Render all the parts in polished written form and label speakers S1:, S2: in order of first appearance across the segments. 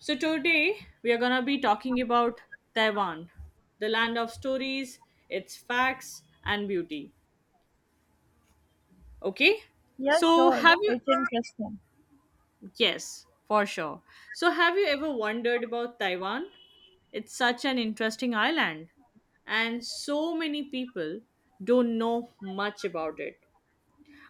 S1: So, today we are going to be talking about Taiwan, the land of stories, its facts, and beauty. Okay?
S2: Yeah,
S1: So,
S2: sure.
S1: have Sure. you,
S2: It's interesting.
S1: yes, for sure. So, have you ever wondered about Taiwan? It's such an interesting island, and so many people don't know much about it.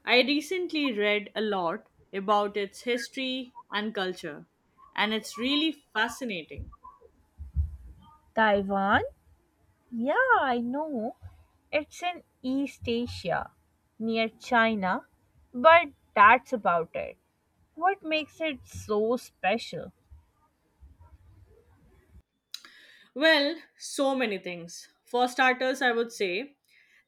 S1: I recently read a lot about its history and culture, and it's really fascinating.
S2: Taiwan? Yeah, I know. It's in East Asia, near China, but that's about it. What makes it so special?
S1: Well, so many things. For starters, I would say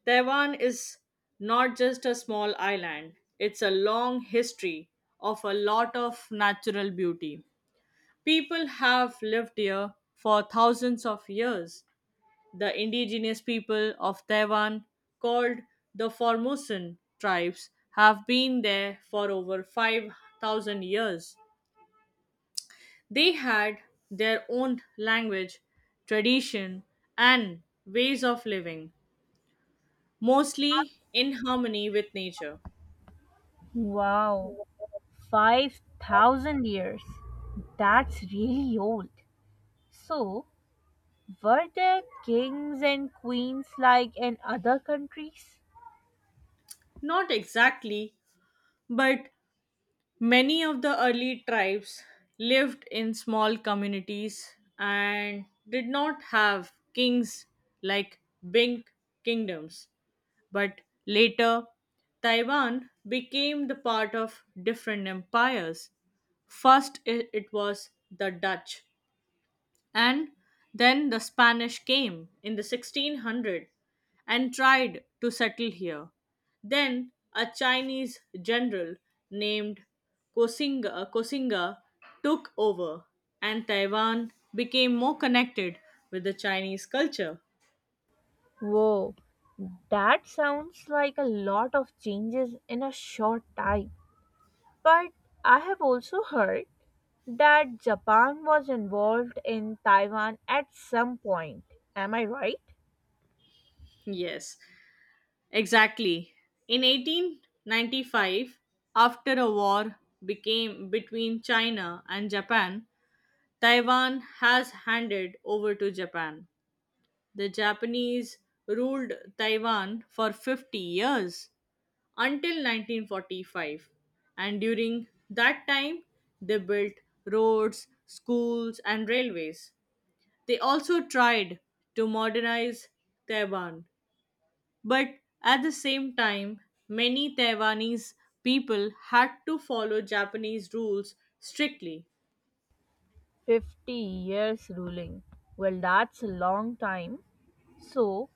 S1: Taiwan is not just a small island, it's a long history of a lot of natural beauty. People have lived here for thousands of years. The indigenous people of Taiwan, called the Formosan tribes, have been there for over 5,000 years. They had their own language, tradition, and ways of living, mostly in harmony with nature.
S2: Wow, 5,000 years. That's really old. So, were there kings and queens like in other countries?
S1: Not exactly, but many of the early tribes lived in small communities and did not have kings like big kingdoms. But later, Taiwan became the part of different empires. First, it was the Dutch, and then the Spanish came in the 1600 and tried to settle here. Then a Chinese general named Koxinga took over and Taiwan became more connected with the Chinese culture.
S2: Whoa, that sounds like a lot of changes in a short time. But I have also heard that Japan was involved in Taiwan at some point. Am I right?
S1: Yes, exactly. In 1895, after a war became between China and Japan, Taiwan has handed over to Japan. The Japanese ruled Taiwan for 50 years until 1945, and during that time, they built roads, schools, and railways. They also tried to modernize Taiwan, but at the same time, many Taiwanese people had to follow Japanese rules strictly.
S2: 50 years ruling. Well, that's a long time. So,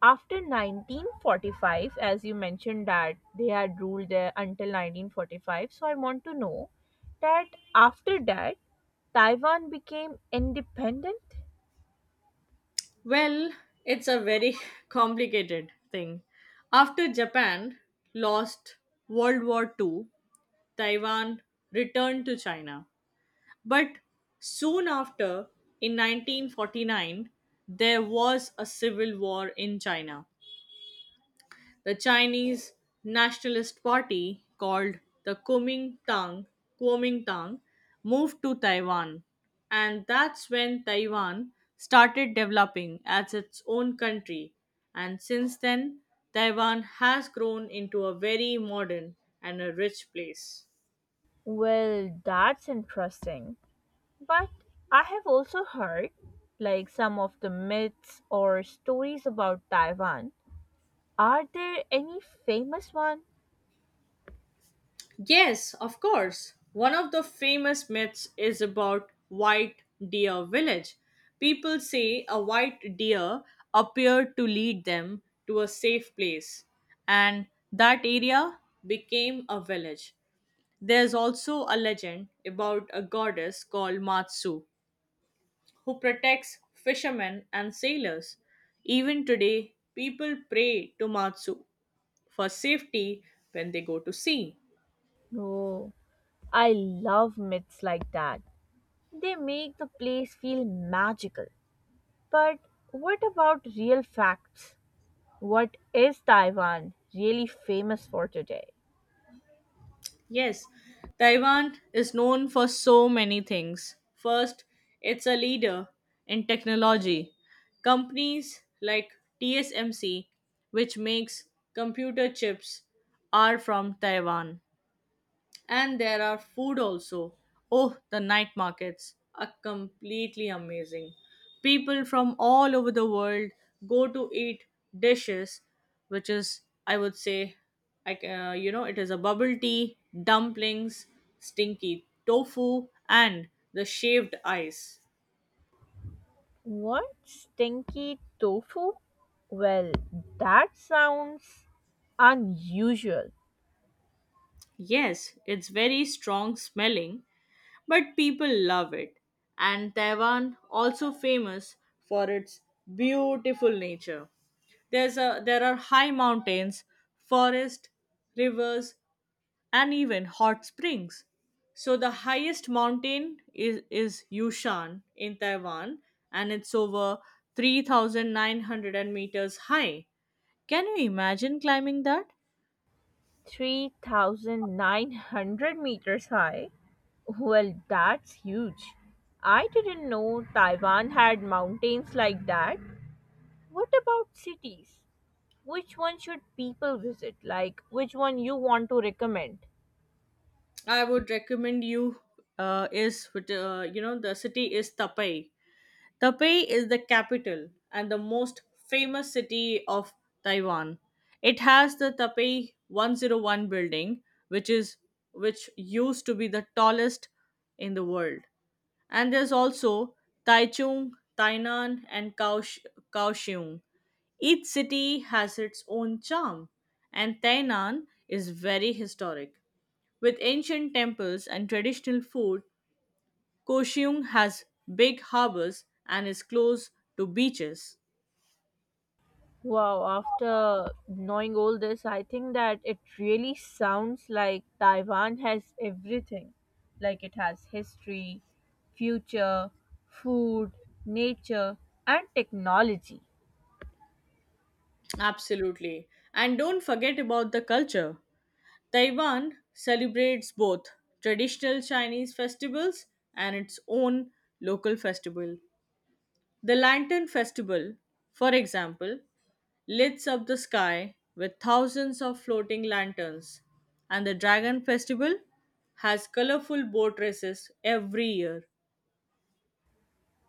S2: after 1945, as you mentioned that they had ruled there until 1945, so I want to know that after that, Taiwan became independent?
S1: Well, it's a very complicated thing. After Japan lost World War Two, Taiwan returned to China. But soon after, in 1949, there was a civil war in China. The Chinese Nationalist Party, called the Kuomintang, moved to Taiwan, and that's when Taiwan started developing as its own country. And since then, Taiwan has grown into a very modern and a rich place.
S2: Well, that's interesting. But I have also heard, like some of the myths or stories about Taiwan. Are there any famous one?
S1: Yes, of course. One of the famous myths is about White Deer Village. People say a white deer appeared to lead them to a safe place, and that area became a village. There's also a legend about a goddess called Matsu who protects fishermen and sailors. Even today, people pray to Matsu for safety when they go to sea.
S2: No. I love myths like that. They make the place feel magical. But what about real facts? What is Taiwan really famous for today?
S1: Yes, Taiwan is known for so many things. First, it's a leader in technology. Companies like TSMC, which makes computer chips, are from Taiwan. And there are food also. Oh, the night markets are completely amazing. People from all over the world go to eat dishes, which is, I would say, I, c- you know, it is a bubble tea, dumplings, stinky tofu, and the shaved ice.
S2: What stinky tofu? Well, that sounds unusual.
S1: Yes, it's very strong smelling, but people love it. And Taiwan also famous for its beautiful nature. There are high mountains, forest, rivers, and even hot springs. So the highest mountain is Yushan in Taiwan and it's over 3,900 meters high. Can you imagine climbing that?
S2: 3,900 meters high? Well, that's huge. I didn't know Taiwan had mountains like that. What about cities? Which one should people visit? Like, which one you want to recommend?
S1: I would recommend you is with, you know the city is Taipei. Is the capital and the most famous city of Taiwan. It has the Taipei 101 building, which is which used to be the tallest in the world. And there's also Taichung, Tainan, and Kaohsiung. Each city has its own charm, and Tainan is very historic, with ancient temples and traditional food. Koshiung has big harbors and is close to beaches.
S2: Wow, after knowing all this, I think that it really sounds like Taiwan has everything. Like, it has history, future, food, nature, and technology.
S1: Absolutely. And don't forget about the culture. Taiwan celebrates both traditional Chinese festivals and its own local festival. The Lantern Festival, for example, lights up the sky with thousands of floating lanterns, and the Dragon Festival has colorful boat races every year.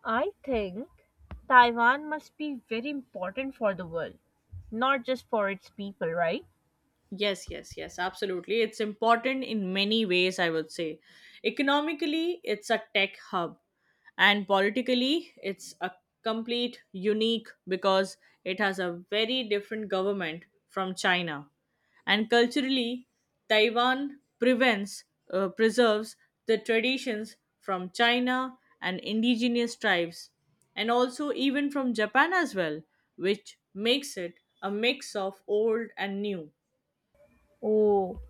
S2: I think Taiwan must be very important for the world, not just for its people, right?
S1: Yes, yes, yes, absolutely. It's important in many ways, I would say. Economically, it's a tech hub, and politically, it's a complete unique because it has a very different government from China. And culturally, Taiwan preserves the traditions from China and indigenous tribes, and also even from Japan as well, which makes it a mix of old and new.
S2: Oh,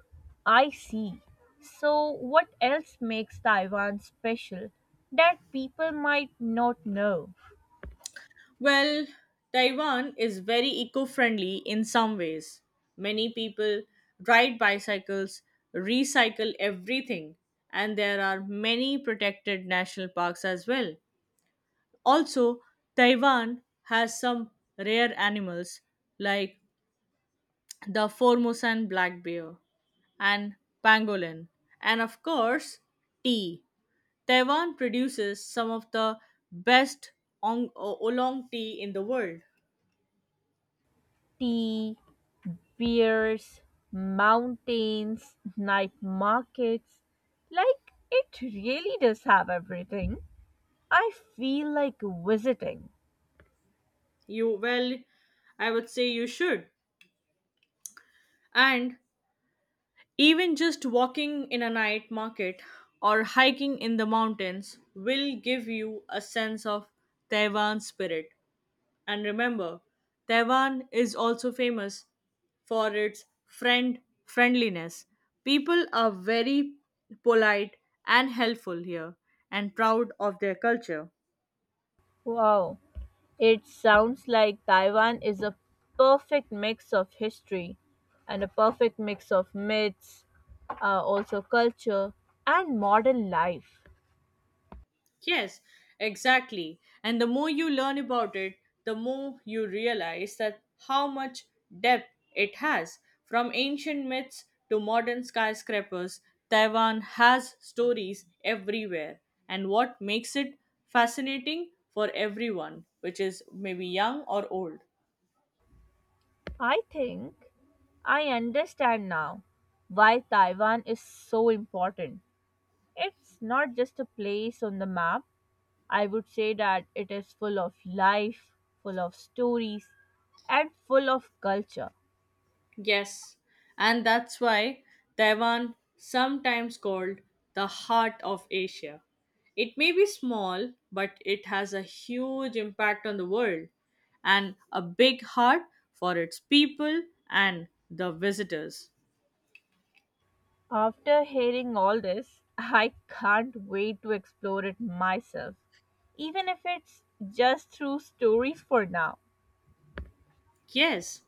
S2: I see. So, what else makes Taiwan special that people might not know?
S1: Well, Taiwan is very eco friendly in some ways. Many people ride bicycles, recycle everything, and there are many protected national parks as well. Also, Taiwan has some rare animals like the Formosan black bear and pangolin, and of course, tea. Taiwan produces some of the best oolong tea in the world.
S2: Tea, beers, mountains, night markets. Like, it really does have everything. I feel like visiting.
S1: You, well, I would say you should. And even just walking in a night market or hiking in the mountains will give you a sense of Taiwan spirit. And remember, Taiwan is also famous for its friendliness. People are very polite and helpful here and proud of their culture.
S2: Wow, it sounds like Taiwan is a perfect mix of history and a perfect mix of myths, also culture and modern life.
S1: Yes, exactly. And the more you learn about it, the more you realize that how much depth it has. From ancient myths to modern skyscrapers, Taiwan has stories everywhere. And what makes it fascinating for everyone, which is maybe young or old.
S2: I think I understand now why Taiwan is so important. It's not just a place on the map. I would say that it is full of life, full of stories, and full of culture.
S1: Yes, and that's why Taiwan sometimes called the heart of Asia. It may be small, but it has a huge impact on the world and a big heart for its people and the visitors.
S2: After hearing all this, I can't wait to explore it myself, even if it's just through stories for now.
S1: Yes,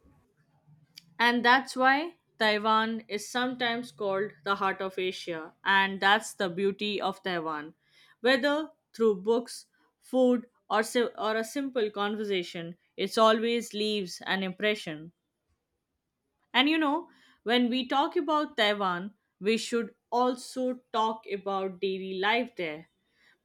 S1: and that's why Taiwan is sometimes called the heart of Asia. And that's the beauty of Taiwan. Whether through books, food, or a simple conversation, it always leaves an impression. And you know, when we talk about Taiwan, we should also talk about daily life there.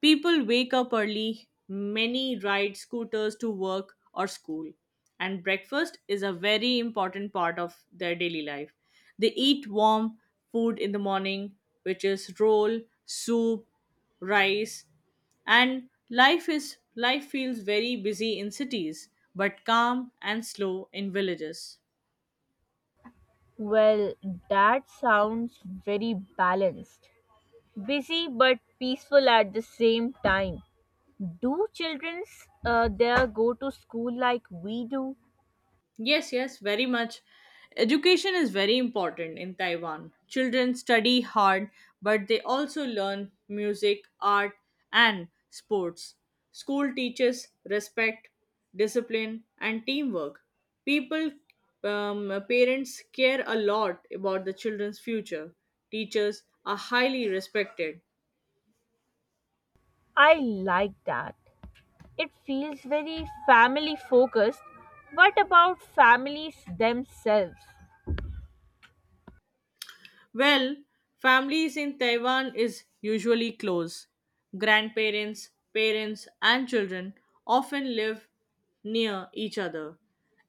S1: People wake up early, many ride scooters to work or school, and breakfast is a very important part of their daily life. They eat warm food in the morning, which is roll, soup, rice, and life feels very busy in cities but calm and slow in villages.
S2: Well, that sounds very balanced. Busy but peaceful at the same time. Do children there go to school like we do?
S1: Yes, yes, very much. Education is very important in Taiwan. Children study hard, but they also learn music, art, and sports. School teaches respect, discipline, and teamwork. People, parents care a lot about the children's future. Teachers are highly respected.
S2: I like that. It feels very family focused. What about families themselves?
S1: Well, families in Taiwan is usually close. Grandparents, parents, and children often live near each other.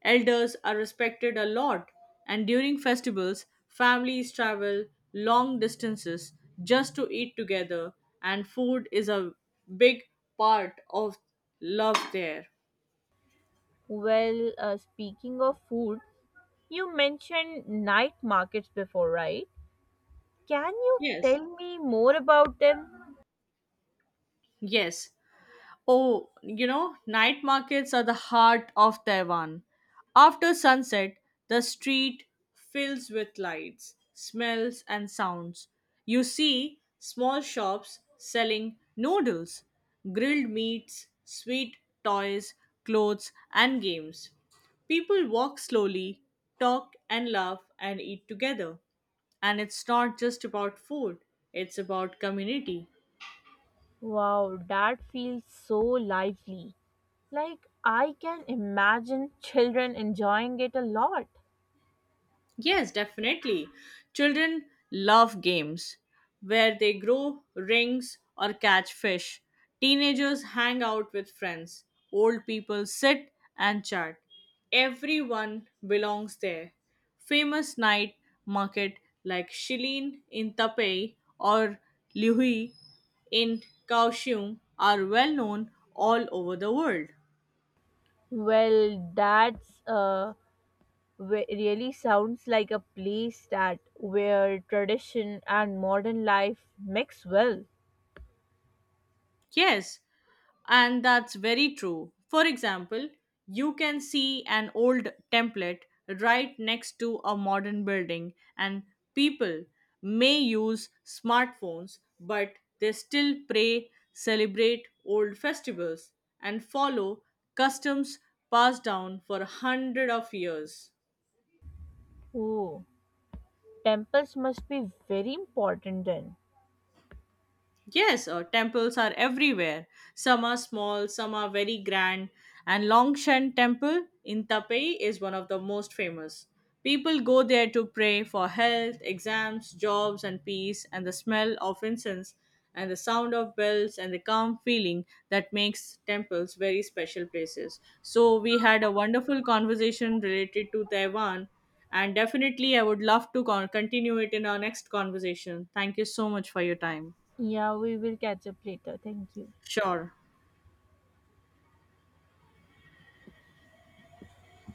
S1: Elders are respected a lot, and during festivals, families travel long distances just to eat together, and food is a big part of love there.
S2: Well, speaking of food, you mentioned night markets before, right? Can you
S1: Yes.
S2: tell me more about them?
S1: Yes. Oh, you know, night markets are the heart of Taiwan. After sunset, the street fills with lights, smells, and sounds. You see small shops selling noodles, grilled meats, sweet toys, clothes, and games. People walk slowly, talk and laugh and eat together. And it's not just about food, it's about community.
S2: Wow, that feels so lively. Like I can imagine children enjoying it a lot.
S1: Yes, definitely. Children love games where they grow rings or catch fish. Teenagers hang out with friends. Old people sit and chat. Everyone belongs there. Famous night market like Shilin in Taipei or Lihui in Kaohsiung are well known all over the world.
S2: Well, that's really sounds like a place that where tradition and modern life mix well.
S1: Yes, and that's very true. For example, you can see an old template right next to a modern building, and people may use smartphones, but they still pray, celebrate old festivals, and follow customs passed down for hundreds of years.
S2: Oh, temples must be very important then.
S1: Yes, temples are everywhere. Some are small, some are very grand. And Longshan Temple in Taipei is one of the most famous. People go there to pray for health, exams, jobs, and peace. And the smell of incense and the sound of bells and the calm feeling that makes temples very special places. So, we had a wonderful conversation related to Taiwan. And definitely, I would love to continue it in our next conversation. Thank you so much for your time.
S2: Yeah, we will catch up later. Thank you.
S1: Sure.